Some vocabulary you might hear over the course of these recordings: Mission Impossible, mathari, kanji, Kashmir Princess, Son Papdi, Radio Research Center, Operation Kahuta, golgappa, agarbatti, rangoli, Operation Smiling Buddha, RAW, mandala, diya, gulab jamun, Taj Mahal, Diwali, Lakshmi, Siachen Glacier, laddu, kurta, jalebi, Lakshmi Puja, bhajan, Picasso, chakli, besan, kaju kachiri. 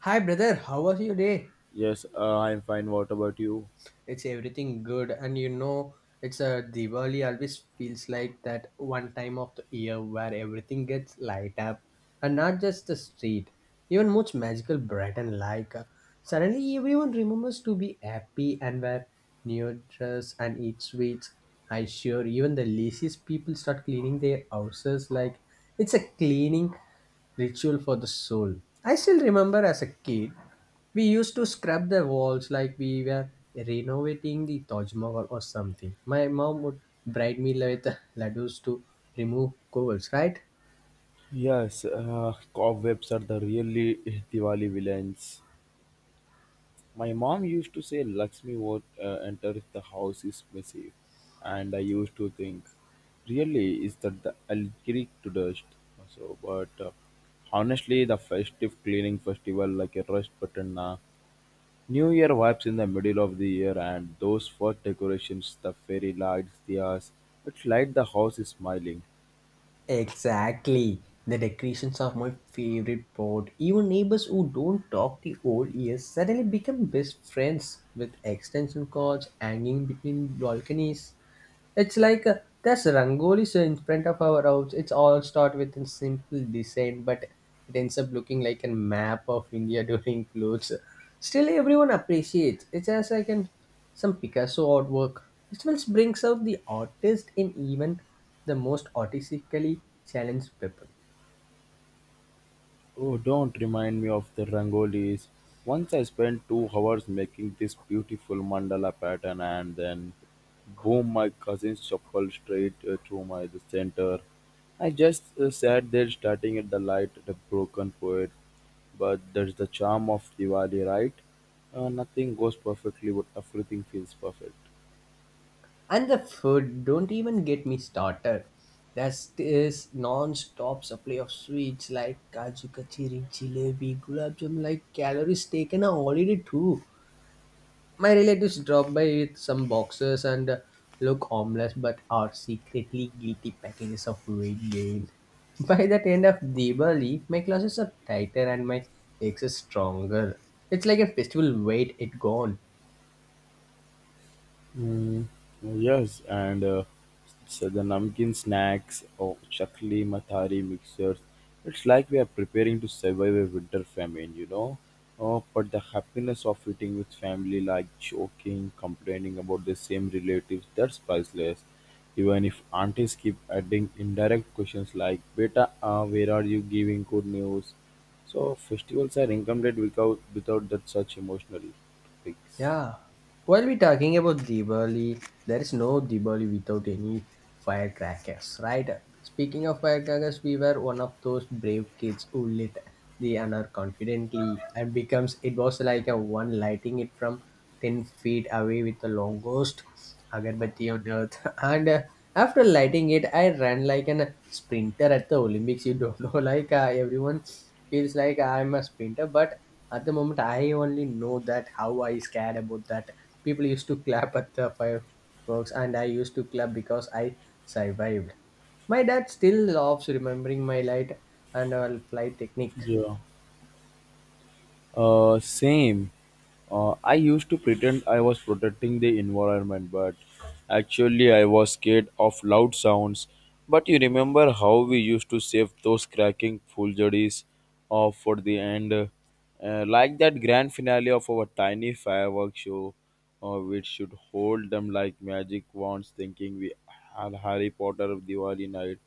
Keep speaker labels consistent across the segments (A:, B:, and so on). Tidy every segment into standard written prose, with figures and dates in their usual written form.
A: Hi brother, how was your day?
B: Yes, I'm fine. What about you?
A: It's everything good, and you know, it's a Diwali always feels like that one time of the year where everything gets light up, and not just the street, even much magical bright and suddenly, everyone remembers to be happy and wear new dress and eat sweets. I sure even the laziest people start cleaning their houses like it's a cleaning ritual for the soul. I still remember as a kid we used to scrub the walls like we were renovating the Taj Mahal or something. My mom would bribe me with laddus to remove cobbles, right?
B: Yes, cobwebs are the really Diwali villains. My mom used to say Lakshmi won't enter if the house is messy, and I used to think, really, is that the alchemy to dust? So, but honestly, the festive cleaning festival like a rush button, New Year vibes in the middle of the year, and those first decorations, the fairy lights. The It's like the house is smiling.
A: Exactly. The decorations are my favorite part. Even neighbors who don't talk the old years suddenly become best friends with extension cords hanging between balconies. It's like there's Rangoli's in front of our house. It's all start with a simple design, but it ends up looking like a map of India during floods. Still, everyone appreciates. It's as like an some Picasso artwork. Festivals brings out the artist in even the most artistically challenged people.
B: Oh, don't remind me of the rangolis. Once I spent 2 hours making this beautiful mandala pattern, and then boom, my cousin shuffled straight through my the center. I just sat there starting at the light at a broken poet. But that's the charm of Diwali, right? Nothing goes perfectly, but everything feels perfect.
A: And the food, don't even get me started. There's this non-stop supply of sweets like kaju kachiri, jalebi, gulab jamun, like calories taken a holiday too. My relatives drop by with some boxes and look homeless but are secretly guilty packages of weight gain. By the end of Diwali, my classes are tighter and my legs are stronger. It's like a festival weight it gone.
B: Mm, yes, and so the namkeen snacks or chakli mathari mixers. It's like we are preparing to survive a winter famine. Oh, but the happiness of eating with family, like joking, complaining about the same relatives, that's priceless. Even if aunties keep adding indirect questions like, Beta, where are you giving good news? So, festivals are incomplete without that such emotional topics.
A: Yeah. While we're talking about Diwali, there is no Diwali without any firecrackers, right? Speaking of firecrackers, we were one of those brave kids who lit the another confidently and becomes it was like a one lighting it from 10 feet away with the longest agarbatti on earth. And After lighting it, I ran like an sprinter at the Olympics. You don't know, like everyone feels like I'm a sprinter, but at the moment, I only know that how I scared about that. People used to clap at the fireworks, and I used to clap because I survived. My dad still loves remembering my light and flight technique.
B: Yeah. Same. I used to pretend I was protecting the environment, but actually I was scared of loud sounds. But you remember how we used to save those cracking fooleries for the end, like that grand finale of our tiny fireworks show, which should hold them like magic wands, thinking we had Harry Potter of Diwali night,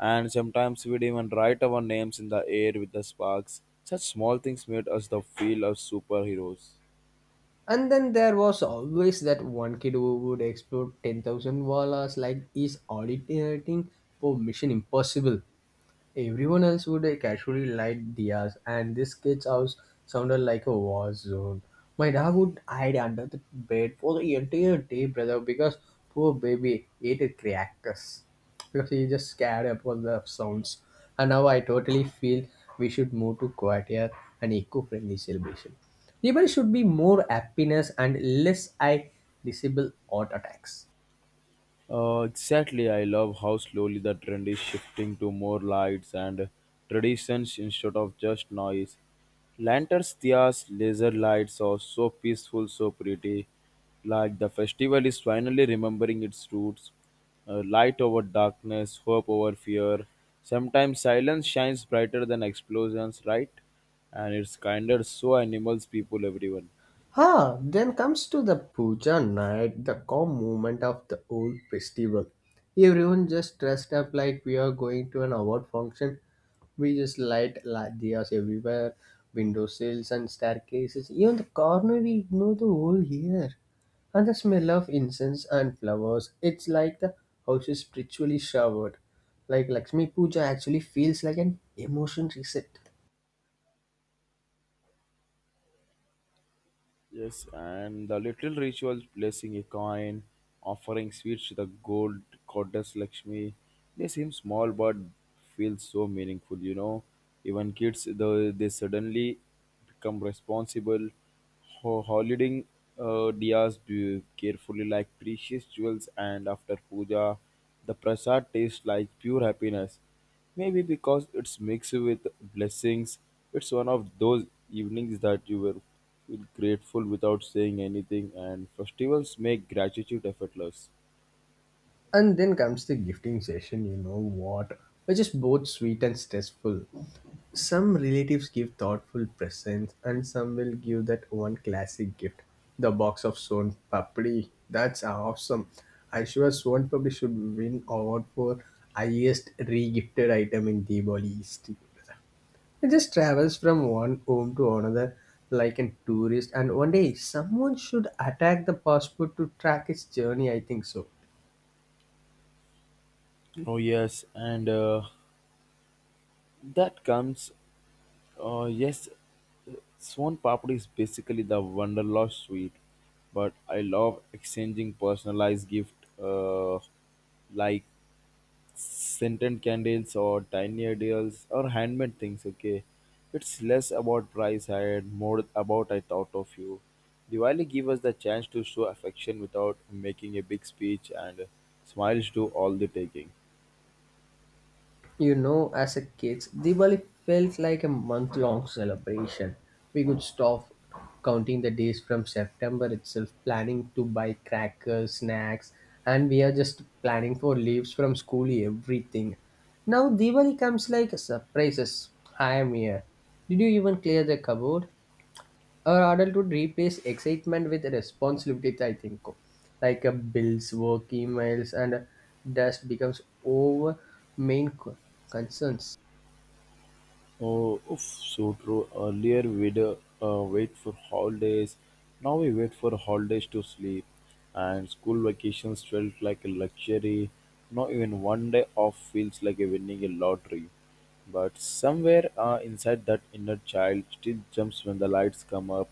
B: and sometimes we'd even write our names in the air with the sparks. Such small things made us the feel of superheroes.
A: And then there was always that one kid who would explode $10,000 like he's auditing for Mission Impossible. Everyone else would casually light diyas, and this kid's house sounded like a war zone. My dad would hide under the bed for the entire day, brother, because poor baby ate a crackers because he just scared about the sounds. And now I totally feel we should move to quieter and eco-friendly celebration. People should be more happiness and less eye disable heart attacks.
B: Exactly, I love how slowly the trend is shifting to more lights and traditions instead of just noise. Lanterns, diyas, laser lights are so peaceful, so pretty. Like the festival is finally remembering its roots. Light over darkness, hope over fear. Sometimes silence shines brighter than explosions, right? And it's kinder, so animals, people, everyone.
A: Ah, then comes to the puja night, the calm moment of the whole festival. Everyone just dressed up like we are going to an award function. We just light diyas everywhere, window sills and staircases. Even the corner we ignore the whole year. And the smell of incense and flowers. It's like the house is spiritually showered. Like Lakshmi Puja actually feels like an emotion reset.
B: Yes, and the little rituals, placing a coin, offering sweets to the gold goddess Lakshmi, they seem small but feel so meaningful. Even kids, though they suddenly become responsible, holding diyas carefully like precious jewels, and after puja, the prasad tastes like pure happiness. Maybe because it's mixed with blessings, it's one of those evenings that you will feel grateful without saying anything, and festivals make gratitude effortless.
A: And then comes the gifting session, you know what, which is both sweet and stressful. Some relatives give thoughtful presents, and some will give that one classic gift the box of Son Papdi. That's awesome. I sure Son Papdi should win award for highest regifted item in Diwali history. It just travels from one home to another like a tourist, and one day someone should attack the passport to track its journey. I think so.
B: Oh, yes, and that comes, yes, Swan Papad is basically the Wanderlust sweet, but I love exchanging personalized gift, uh, like scented candles or tiny ideals or handmade things. Okay, it's less about price and more about I thought of you. Diwali give us the chance to show affection without making a big speech, and smiles do all the taking.
A: You know, as a kids, Diwali felt like a month-long celebration. We could stop counting the days from September itself, planning to buy crackers, snacks, and we are just planning for leaves from school, everything. Now Diwali comes like surprises. Hi, Mia. Did you even clear the cupboard? Our adulthood replace excitement with responsibilities I think, like bills, work emails, and dust becomes over main concerns.
B: Oh, oof, so true. Earlier we'd wait for holidays. Now we wait for holidays to sleep. And school vacations felt like a luxury. Not even one day off feels like a winning a lottery. But somewhere inside that inner child still jumps when the lights come up.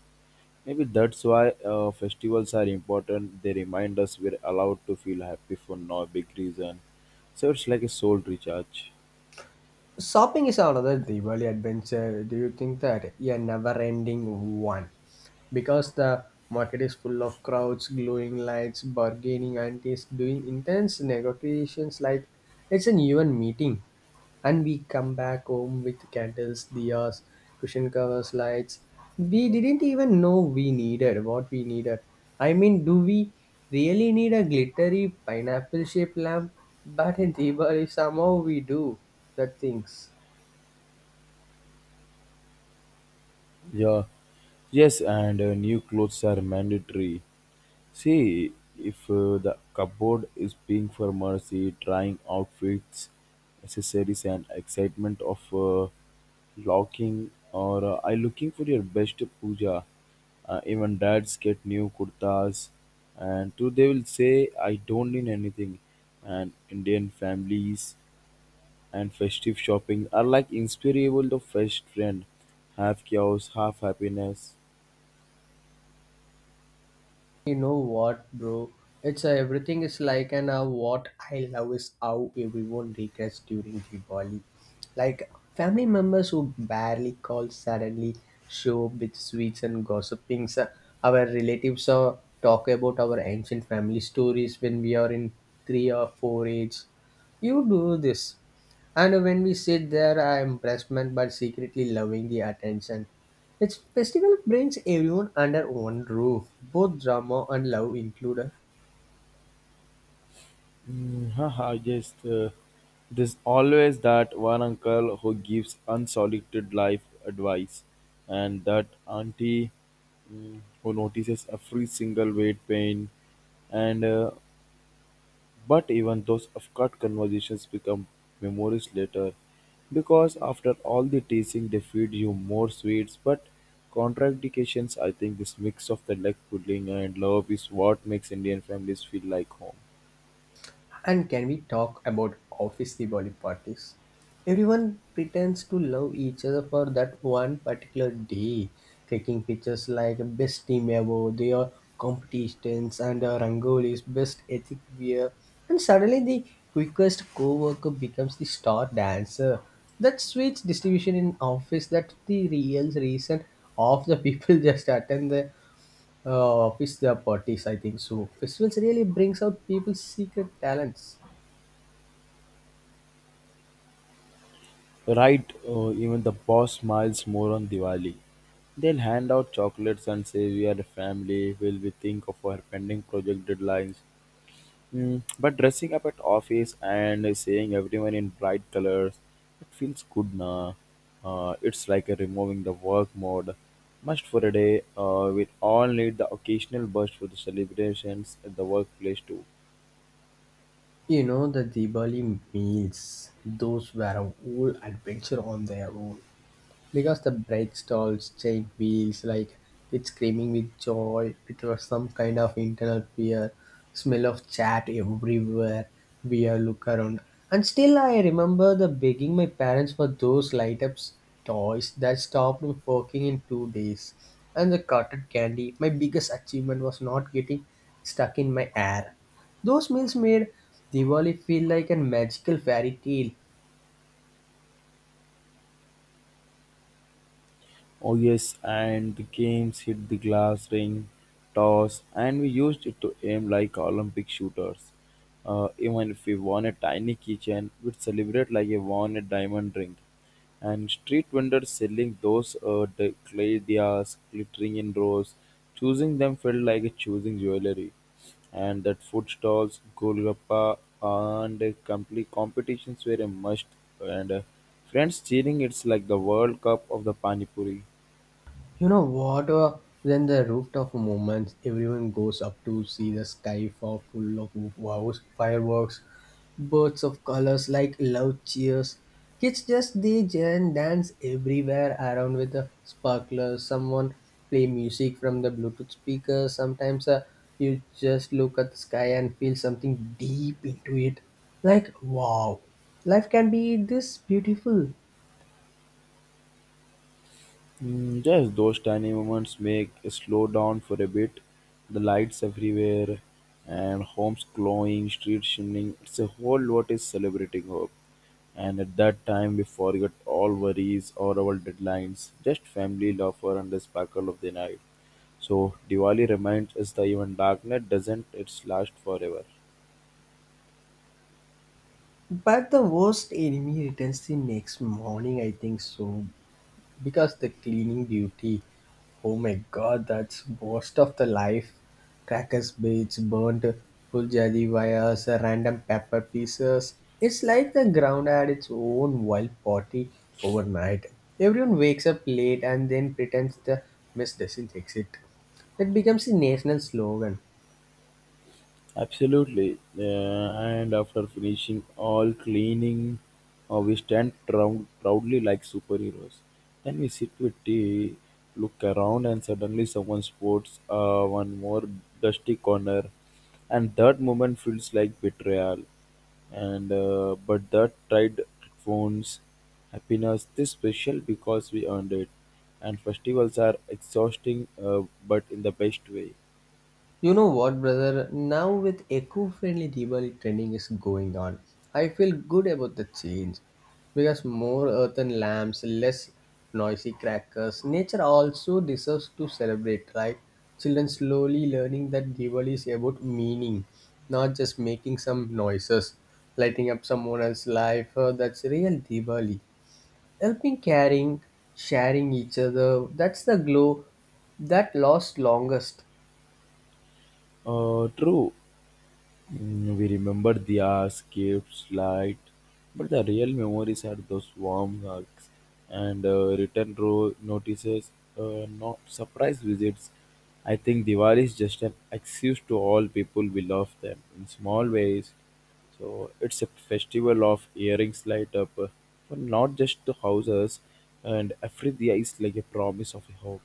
B: Maybe that's why festivals are important. They remind us we're allowed to feel happy for no big reason. So it's like a soul recharge.
A: Shopping is another Diwali adventure, do you think that? Yeah, never ending one, because the market is full of crowds, glowing lights, bargaining aunties doing intense negotiations like it's an even meeting. And we come back home with candles, diyas, cushion covers, lights. We didn't even know we needed what we needed. I mean, do we really need a glittery pineapple shaped lamp? But in Diwali, somehow we do the things.
B: Yeah, yes, and new clothes are mandatory. See, if the cupboard is being for mercy, trying outfits, accessories, and excitement of locking or I looking for your best puja. Even dads get new kurtas, and too they will say I don't need anything. And Indian families and festive shopping are like inspirable the first trend, half chaos half happiness.
A: You know what, bro? It's Everything is like, and what I love is how everyone regrets during Diwali. Like family members who barely call suddenly show up with sweets and gossiping. So our relatives talk about our ancient family stories when we are in three or four age. You do this. And when we sit there, I am impressed but secretly loving the attention. It's festival brings everyone under one roof, both drama and love included.
B: Mm, haha just there's always that one uncle who gives unsolicited life advice, and that auntie, who notices every single weight pain and but even those awkward conversations become memories later, because after all the teasing they feed you more sweets but contradictions. I think this mix of the leg pudding and love is what makes Indian families feel like home.
A: And can we talk about office Diwali parties? Everyone pretends to love each other for that one particular day, taking pictures like best team ever, their competitions and Rangoli's best ethic wear, and suddenly the quickest co-worker becomes the star dancer. That switch distribution in office, that's the real reason of the people just attend the office the parties. I think so. Festivals really brings out people's secret talents.
B: Right, even the boss smiles more on Diwali. They'll hand out chocolates and say we are a family, will we think of our pending project deadlines. But dressing up at office and seeing everyone in bright colors, it feels good na. It's like a removing the work mode. Must for a day. We all need the occasional burst for the celebrations at the workplace too.
A: You know, the Diwali meals, those were a whole adventure on their own because the brake stalls, chain wheels, like it's screaming with joy. It was some kind of internal fear, smell of chat everywhere. We are look around, and still I remember the begging my parents for those light ups toys that stopped working in 2 days, and the cotton candy. My biggest achievement was not getting stuck in my air. Those meals made Diwali feel like a magical fairy tale.
B: Oh yes, and the games hit the glass ring, toss, and we used it to aim like Olympic shooters. Even if we won a tiny kitchen, we'd celebrate like we won a diamond ring. And street vendors selling those the clay diyas glittering in rows, choosing them felt like choosing jewelry. And that food stalls, golgappa, and complete competitions were a must. And friends cheering, it's like the World Cup of the Pani Puri.
A: You know what? Then the rooftop moments, everyone goes up to see the sky fall full of wows, fireworks, bursts of colors like loud cheers. Kids just they dance everywhere around with the sparklers. Someone play music from the Bluetooth speaker. Sometimes you just look at the sky and feel something deep into it. Like wow, life can be this beautiful.
B: Just those tiny moments make a slow down for a bit. The lights everywhere and homes glowing, streets shining. It's a whole lot is celebrating hope. And at that time, we forget all worries or our deadlines, just family, laughter, and the sparkle of the night. So, Diwali reminds us that even darkness doesn't its last forever.
A: But the worst enemy returns the next morning, I think so, because the cleaning duty. Oh my god, that's worst of the life. Crackers bits, burnt puljadi wires, random pepper pieces. It's like the ground had its own wild party overnight. Everyone wakes up late and then pretends the mess doesn't exist. It becomes a national slogan.
B: Absolutely. And after finishing all cleaning, we stand proudly like superheroes. Then we sit with tea, look around, and suddenly someone spots one more dusty corner. And that moment feels like betrayal. And but that tide phones happiness this special because we earned it. And festivals are exhausting, but in the best way.
A: You know what, brother? Now with eco-friendly Diwali trending is going on, I feel good about the change because more earthen lamps, less noisy crackers. Nature also deserves to celebrate, right? Children slowly learning that Diwali is about meaning, not just making some noises, lighting up someone else's life. That's real Diwali. Helping, caring, sharing each other. That's the glow that lasts longest.
B: True. We remember the hours, gifts, light, but the real memories are those warm hugs and return row notices, not surprise visits. I think Diwali is just an excuse to all people we love them in small ways. So it's a festival of earrings light up for not just the houses, and every day is like a promise of a hope.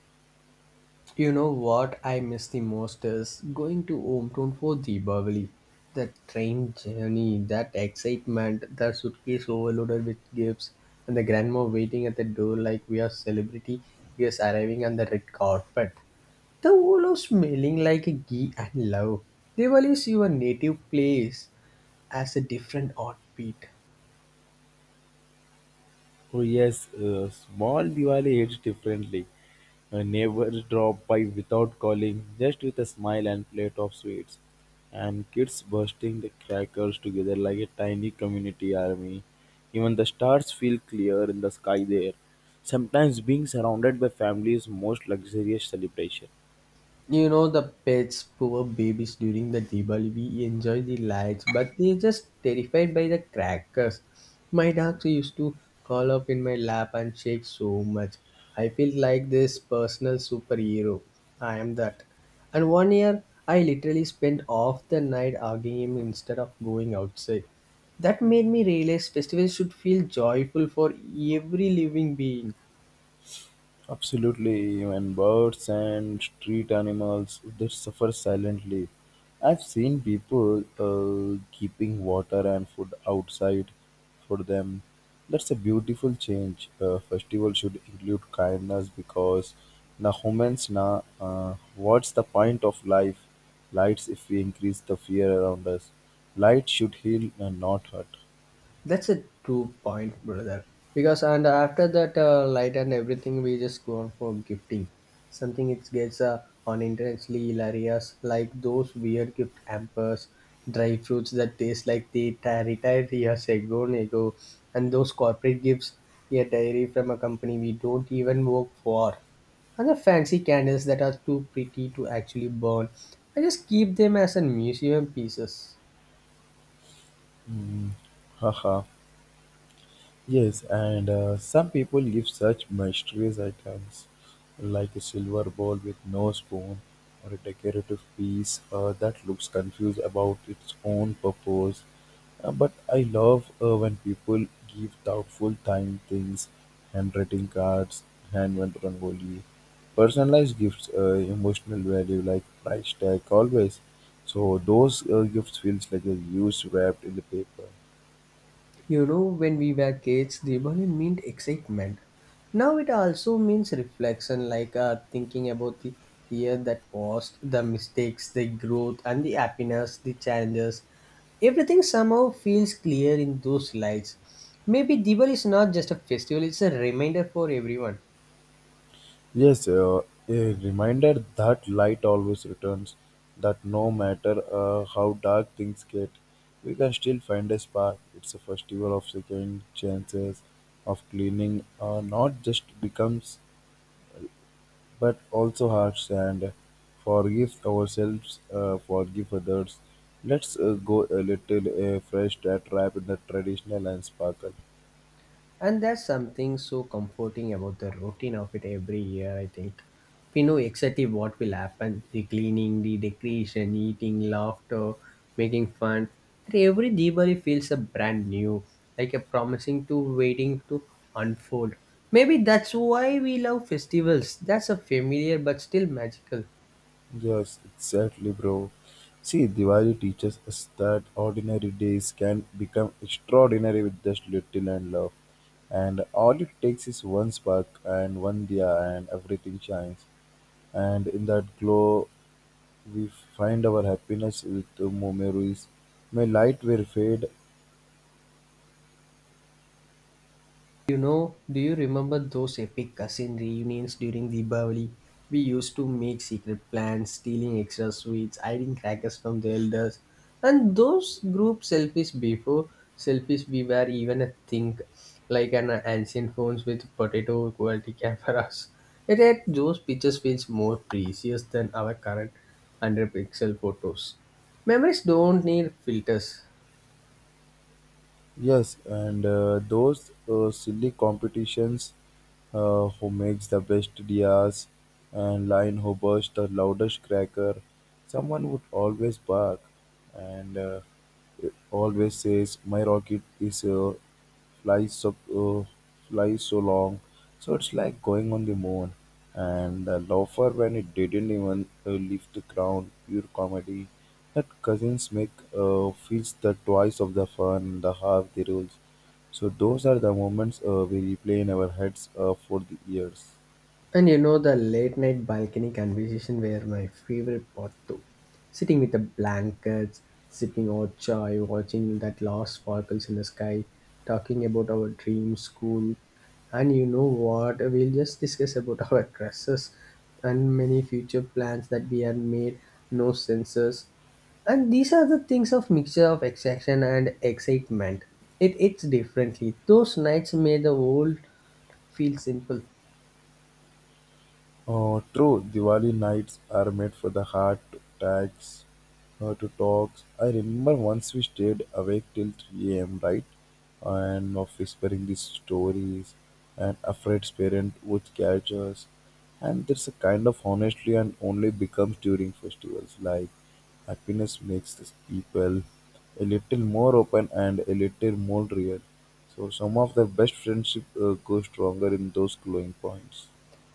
A: You know what I miss the most is going to hometown for Deepavali. The train journey, that excitement, the suitcase overloaded with gifts, and the grandma waiting at the door like we are celebrity guests arriving on the red carpet. The whole of smelling like a ghee and love. They values your native place as a different heartbeat.
B: Oh yes, small Diwali hits differently. A neighbor drop by without calling, just with a smile and plate of sweets. And kids bursting the crackers together like a tiny community army. Even the stars feel clear in the sky there. Sometimes being surrounded by family is most luxurious celebration.
A: You know the pets, poor babies during the Diwali, we enjoy the lights, but they're just terrified by the crackers. My dogs used to curl up in my lap and shake so much. I feel like this personal superhero. I am that. And one year, I literally spent half the night arguing him instead of going outside. That made me realize festivals should feel joyful for every living being.
B: Absolutely, even birds and street animals they suffer silently. I've seen people keeping water and food outside for them. That's a beautiful change. Festival should include kindness because na humans na what's the point of life? Lights if we increase the fear around us. Light should heal and not hurt.
A: That's a true point, brother. Because and after that light and everything, we just go on for gifting. Something it gets on intensely hilarious, like those weird gift hampers, dry fruits that taste like they retired years ago, and those corporate gifts, a diary from a company we don't even work for, and the fancy candles that are too pretty to actually burn. I just keep them as a museum pieces.
B: Haha. Yes, and some people give such mysterious items like a silver bowl with no spoon or a decorative piece that looks confused about its own purpose. But I love when people give thoughtful time things, handwriting cards, handmade rangoli, personalized gifts, emotional value like price tag always. So those gifts feels like they're used wrapped in the paper.
A: You know, when we were kids, Diwali meant excitement. Now it also means reflection, like thinking about the year that was, the mistakes, the growth, and the happiness, the challenges. Everything somehow feels clear in those lights. Maybe Diwali is not just a festival, it's a reminder for everyone.
B: Yes, a reminder that light always returns, that no matter how dark things get, we can still find a spark. It's a festival of second chances, of cleaning, not just becomes, but also hearts and forgive ourselves, forgive others. Let's go a little fresh that wrap in the traditional and sparkle.
A: And that's something so comforting about the routine of it every year, I think. We know exactly what will happen the cleaning, the decoration, eating, laughter, making fun. And every Diwali feels a brand new, like a promising to waiting to unfold. Maybe that's why we love festivals. That's a familiar but still magical.
B: Yes, exactly, bro. See, Diwali teaches us that ordinary days can become extraordinary with just little and love. And all it takes is one spark and one diya, and everything shines. And in that glow, we find our happiness with the memories. May light will fade.
A: You know, do you remember those epic cousin reunions during Diwali? We used to make secret plans, stealing extra sweets, hiding crackers from the elders, and those group selfies before selfies we were even a thing, like an ancient phones with potato quality cameras. It had those pictures feels more precious than our current 100 pixel photos. Memories don't need filters.
B: Yes, and those silly competitions, who makes the best dias and line who burst the loudest cracker, someone would always bark and always says, My rocket is here, flies so uh, flies so long, so it's like going on the moon, and the loafer when it didn't even leave the ground, pure comedy. That cousins make feels the twice of the fun the half the rules. So those are the moments we replay in our heads for the years.
A: And you know the late night balcony conversation were my favorite part too. Sitting with the blankets, sipping hot chai, watching that last sparkles in the sky, talking about our dreams, school, and you know what? We'll just discuss about our crushes and many future plans that we had made, no senses. And these are the things of mixture of excitement and excitement. It's differently. Those nights made the world feel simple.
B: Oh, true. Diwali nights are made for the heart to tax, to talk. I remember once we stayed awake till 3 a.m., right? And of whispering these stories, and afraid parent would catch us. And there's a kind of honestly and only becomes during festivals. Like happiness makes these people a little more open and a little more real. So some of the best friendship go stronger in those glowing points.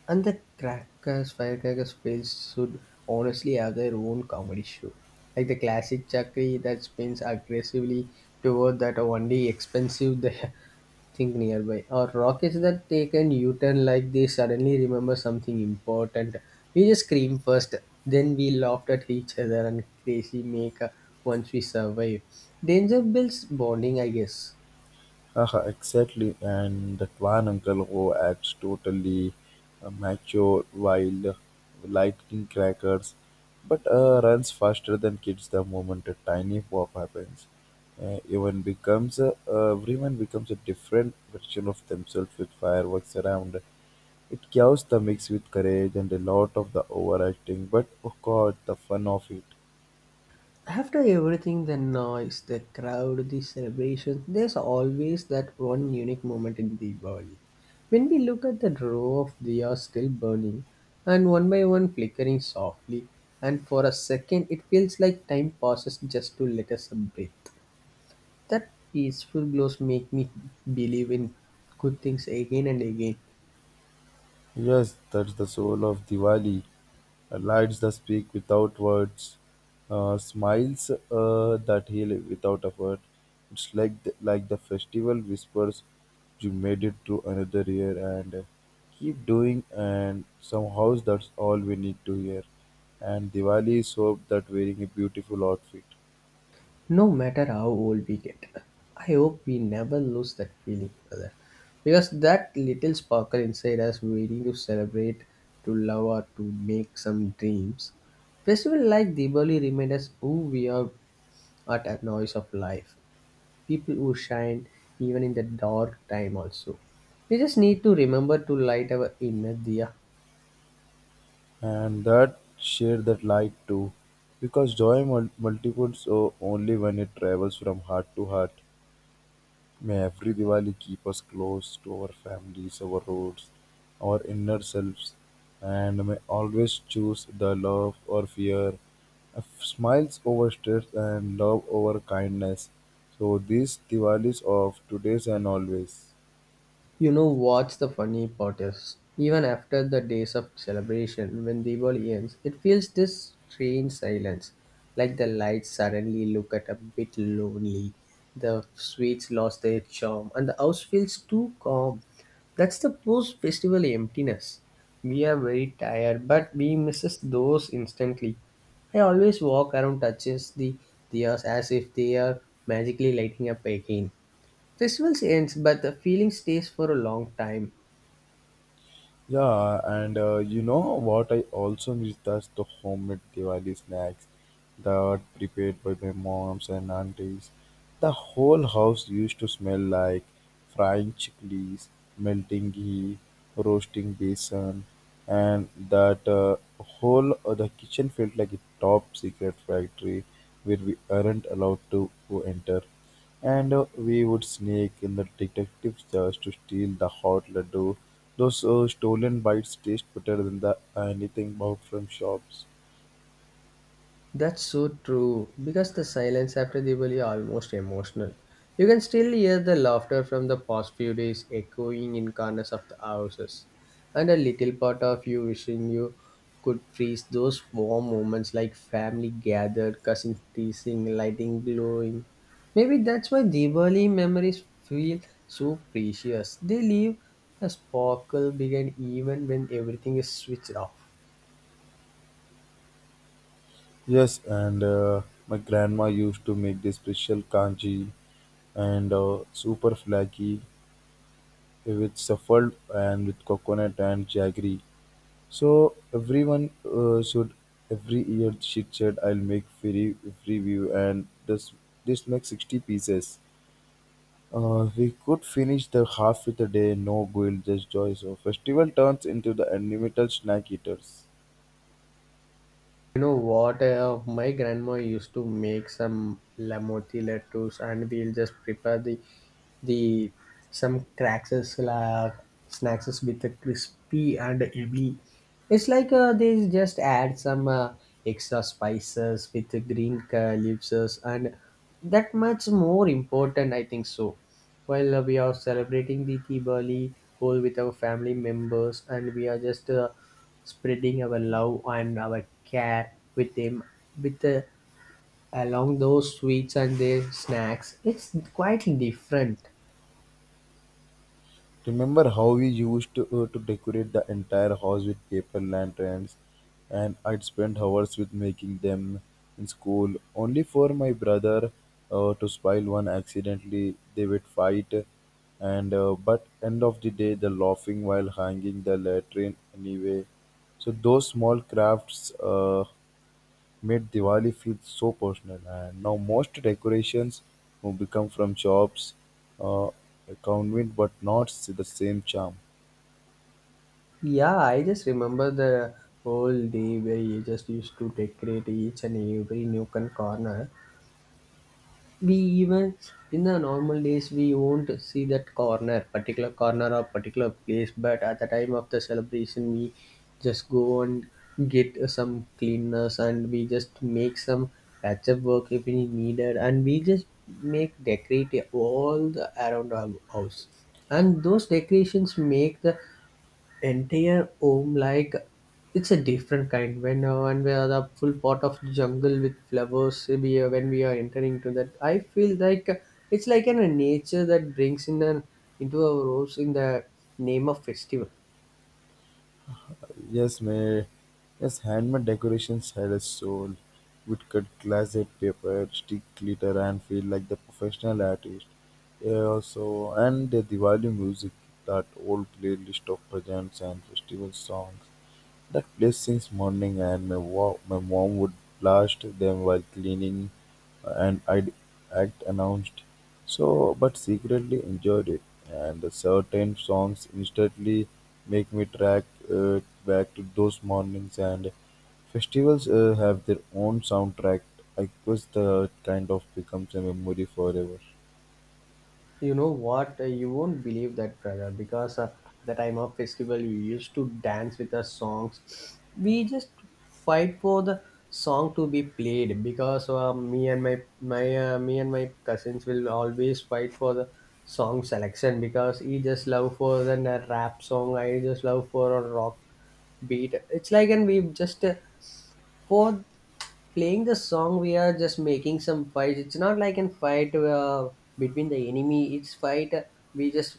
A: And the crackers, firecrackers fails should honestly have their own comedy show. Like the classic chakri that spins aggressively toward that only expensive the thing nearby. Or rockets that take an U-turn like they suddenly remember something important. We just scream first, then we laughed at each other and crazy make once we survive. Danger builds bonding, I guess.
B: Haha, exactly. And that one uncle who acts totally macho while lighting crackers, but runs faster than kids the moment a tiny pop happens. Even becomes everyone becomes a different version of themselves with fireworks around. It chaos the mix with courage and a lot of the overacting, but oh god, the fun of it.
A: After everything the noise, the crowd, the celebrations there's always that one unique moment in Diwali. When we look at the row of diyas still burning and one by one flickering softly, and for a second it feels like time passes just to let us breathe. That peaceful glows make me believe in good things again and again.
B: Yes, that's the soul of Diwali. Lights that speak without words, smiles that heal without effort. It's like the festival whispers, "You made it through another year, and keep doing." And somehow that's all we need to hear. And Diwali is hope that wearing a beautiful outfit,
A: No matter how old we get, I hope we never lose that feeling, brother. Because that little sparkle inside us waiting to celebrate, to love, or to make some dreams. Festival like Diwali remind us who we are at a noise of life. People who shine even in the dark time also. We just need to remember to light our inner diya.
B: and that share that light too, because joy multiples only when it travels from heart to heart. May every Diwali keep us close to our families, our roots, our inner selves, and may always choose the love or fear, smiles over stress, and love over kindness. So, these Diwalis of today's and always.
A: You know what's the funny part is? Even after the days of celebration, when Diwali ends, it feels this strange silence. Like the lights suddenly look at a bit lonely, the sweets lost their charm, and the house feels too calm. That's the post festival emptiness. We are very tired, but we misses those instantly. I always walk around touches the diyas as if they are magically lighting up again. Festivals ends, but the feeling stays for a long time.
B: Yeah, and you know what I also miss? That's the homemade Diwali snacks that prepared by my moms and aunties. The whole house used to smell like frying chickpeas, melting ghee, roasting besan, and that whole the kitchen felt like a top secret factory where we aren't allowed to enter. And we would sneak in the detectives just to steal the hot laddu. Those stolen bites taste better than the anything bought from shops.
A: That's so true because the silence after Diwali almost emotional. You can still hear the laughter from the past few days echoing in corners of the houses, and a little part of you wishing you could freeze those warm moments like family gathered, cousins teasing, lighting glowing. Maybe that's why Diwali memories feel so precious. They leave a sparkle behind even when everything is switched off.
B: Yes, and my grandma used to make this special kanji and super flaky with shuffled and with coconut and jaggery. So everyone should every year she said I'll make free view and this makes 60 pieces. We could finish the half with a day, no guilt, just joy. So festival turns into the unlimited snack eaters.
A: You know what? My grandma used to make some lamoti laddus, and we'll just prepare the some cracks as, snacks as with a crispy and heavy. It's like they just add some extra spices with the green leaves and that much more important, I think so. While we are celebrating the Diwali all with our family members, and we are just spreading our love and our care with them, with the, along those sweets and their snacks, it's quite different.
B: Remember how we used to decorate the entire house with paper lanterns, and I'd spend hours with making them in school, only for my brother to spoil one accidentally. They would fight, and but end of the day, the laughing while hanging the lantern anyway. So those small crafts. Made Diwali feel so personal. And now most decorations have become from shops, uh, convent, but not the same charm.
A: Yeah, I just remember the whole day where you just used to decorate each and every nook and corner. We even, in the normal days, we won't see that corner, particular corner or particular place, but at the time of the celebration, we just go and get some cleaners and we just make some patchup work if we needed, and we just make decorate all the around our house. And those decorations make the entire home like it's a different kind. When when we are the full pot of jungle with flowers, we are, when we are entering to that, I feel like it's like an, a nature that brings in an into our rose in the name of festival.
B: Yes, handmade decorations had a soul. Would cut glassed paper, stick glitter, and feel like the professional artist. Yeah, also, and the Diwali music, that old playlist of bhajans and festival songs that place since morning, and my mom would blast them while cleaning, and I'd act announced. So, but secretly enjoyed it. And the certain songs instantly make me track uh, back to those mornings, and festivals have their own soundtrack. I guess the kind of becomes a memory forever.
A: You know what? You won't believe that, brother, because at the time of festival, we used to dance with the songs. We just fight for the song to be played because me and my cousins will always fight for the song selection because he just love for the rap song, I just love for a rock beat. It's like, and we just for playing the song we are just making some fights. It's not like in fight, between the enemy, it's fight, we just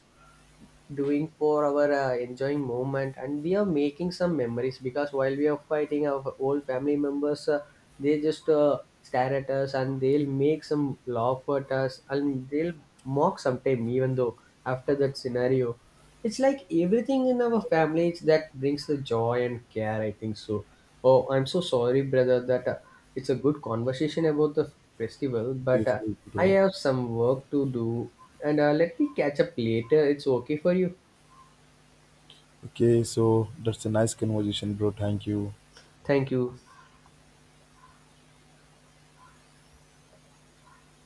A: doing for our enjoying moment, and we are making some memories because while we are fighting, our old family members, they just stare at us and they'll make some laugh at us and they'll mock sometime, even though after that scenario, it's like everything in our families that brings the joy and care, I think so. Oh, I'm so sorry, brother, that it's a good conversation about the festival, but
B: Yes, yes,
A: I
B: bro.
A: have some work to do, and let me catch up later. It's okay for you.
B: Okay, so that's a nice conversation, bro. Thank you.
A: Thank you.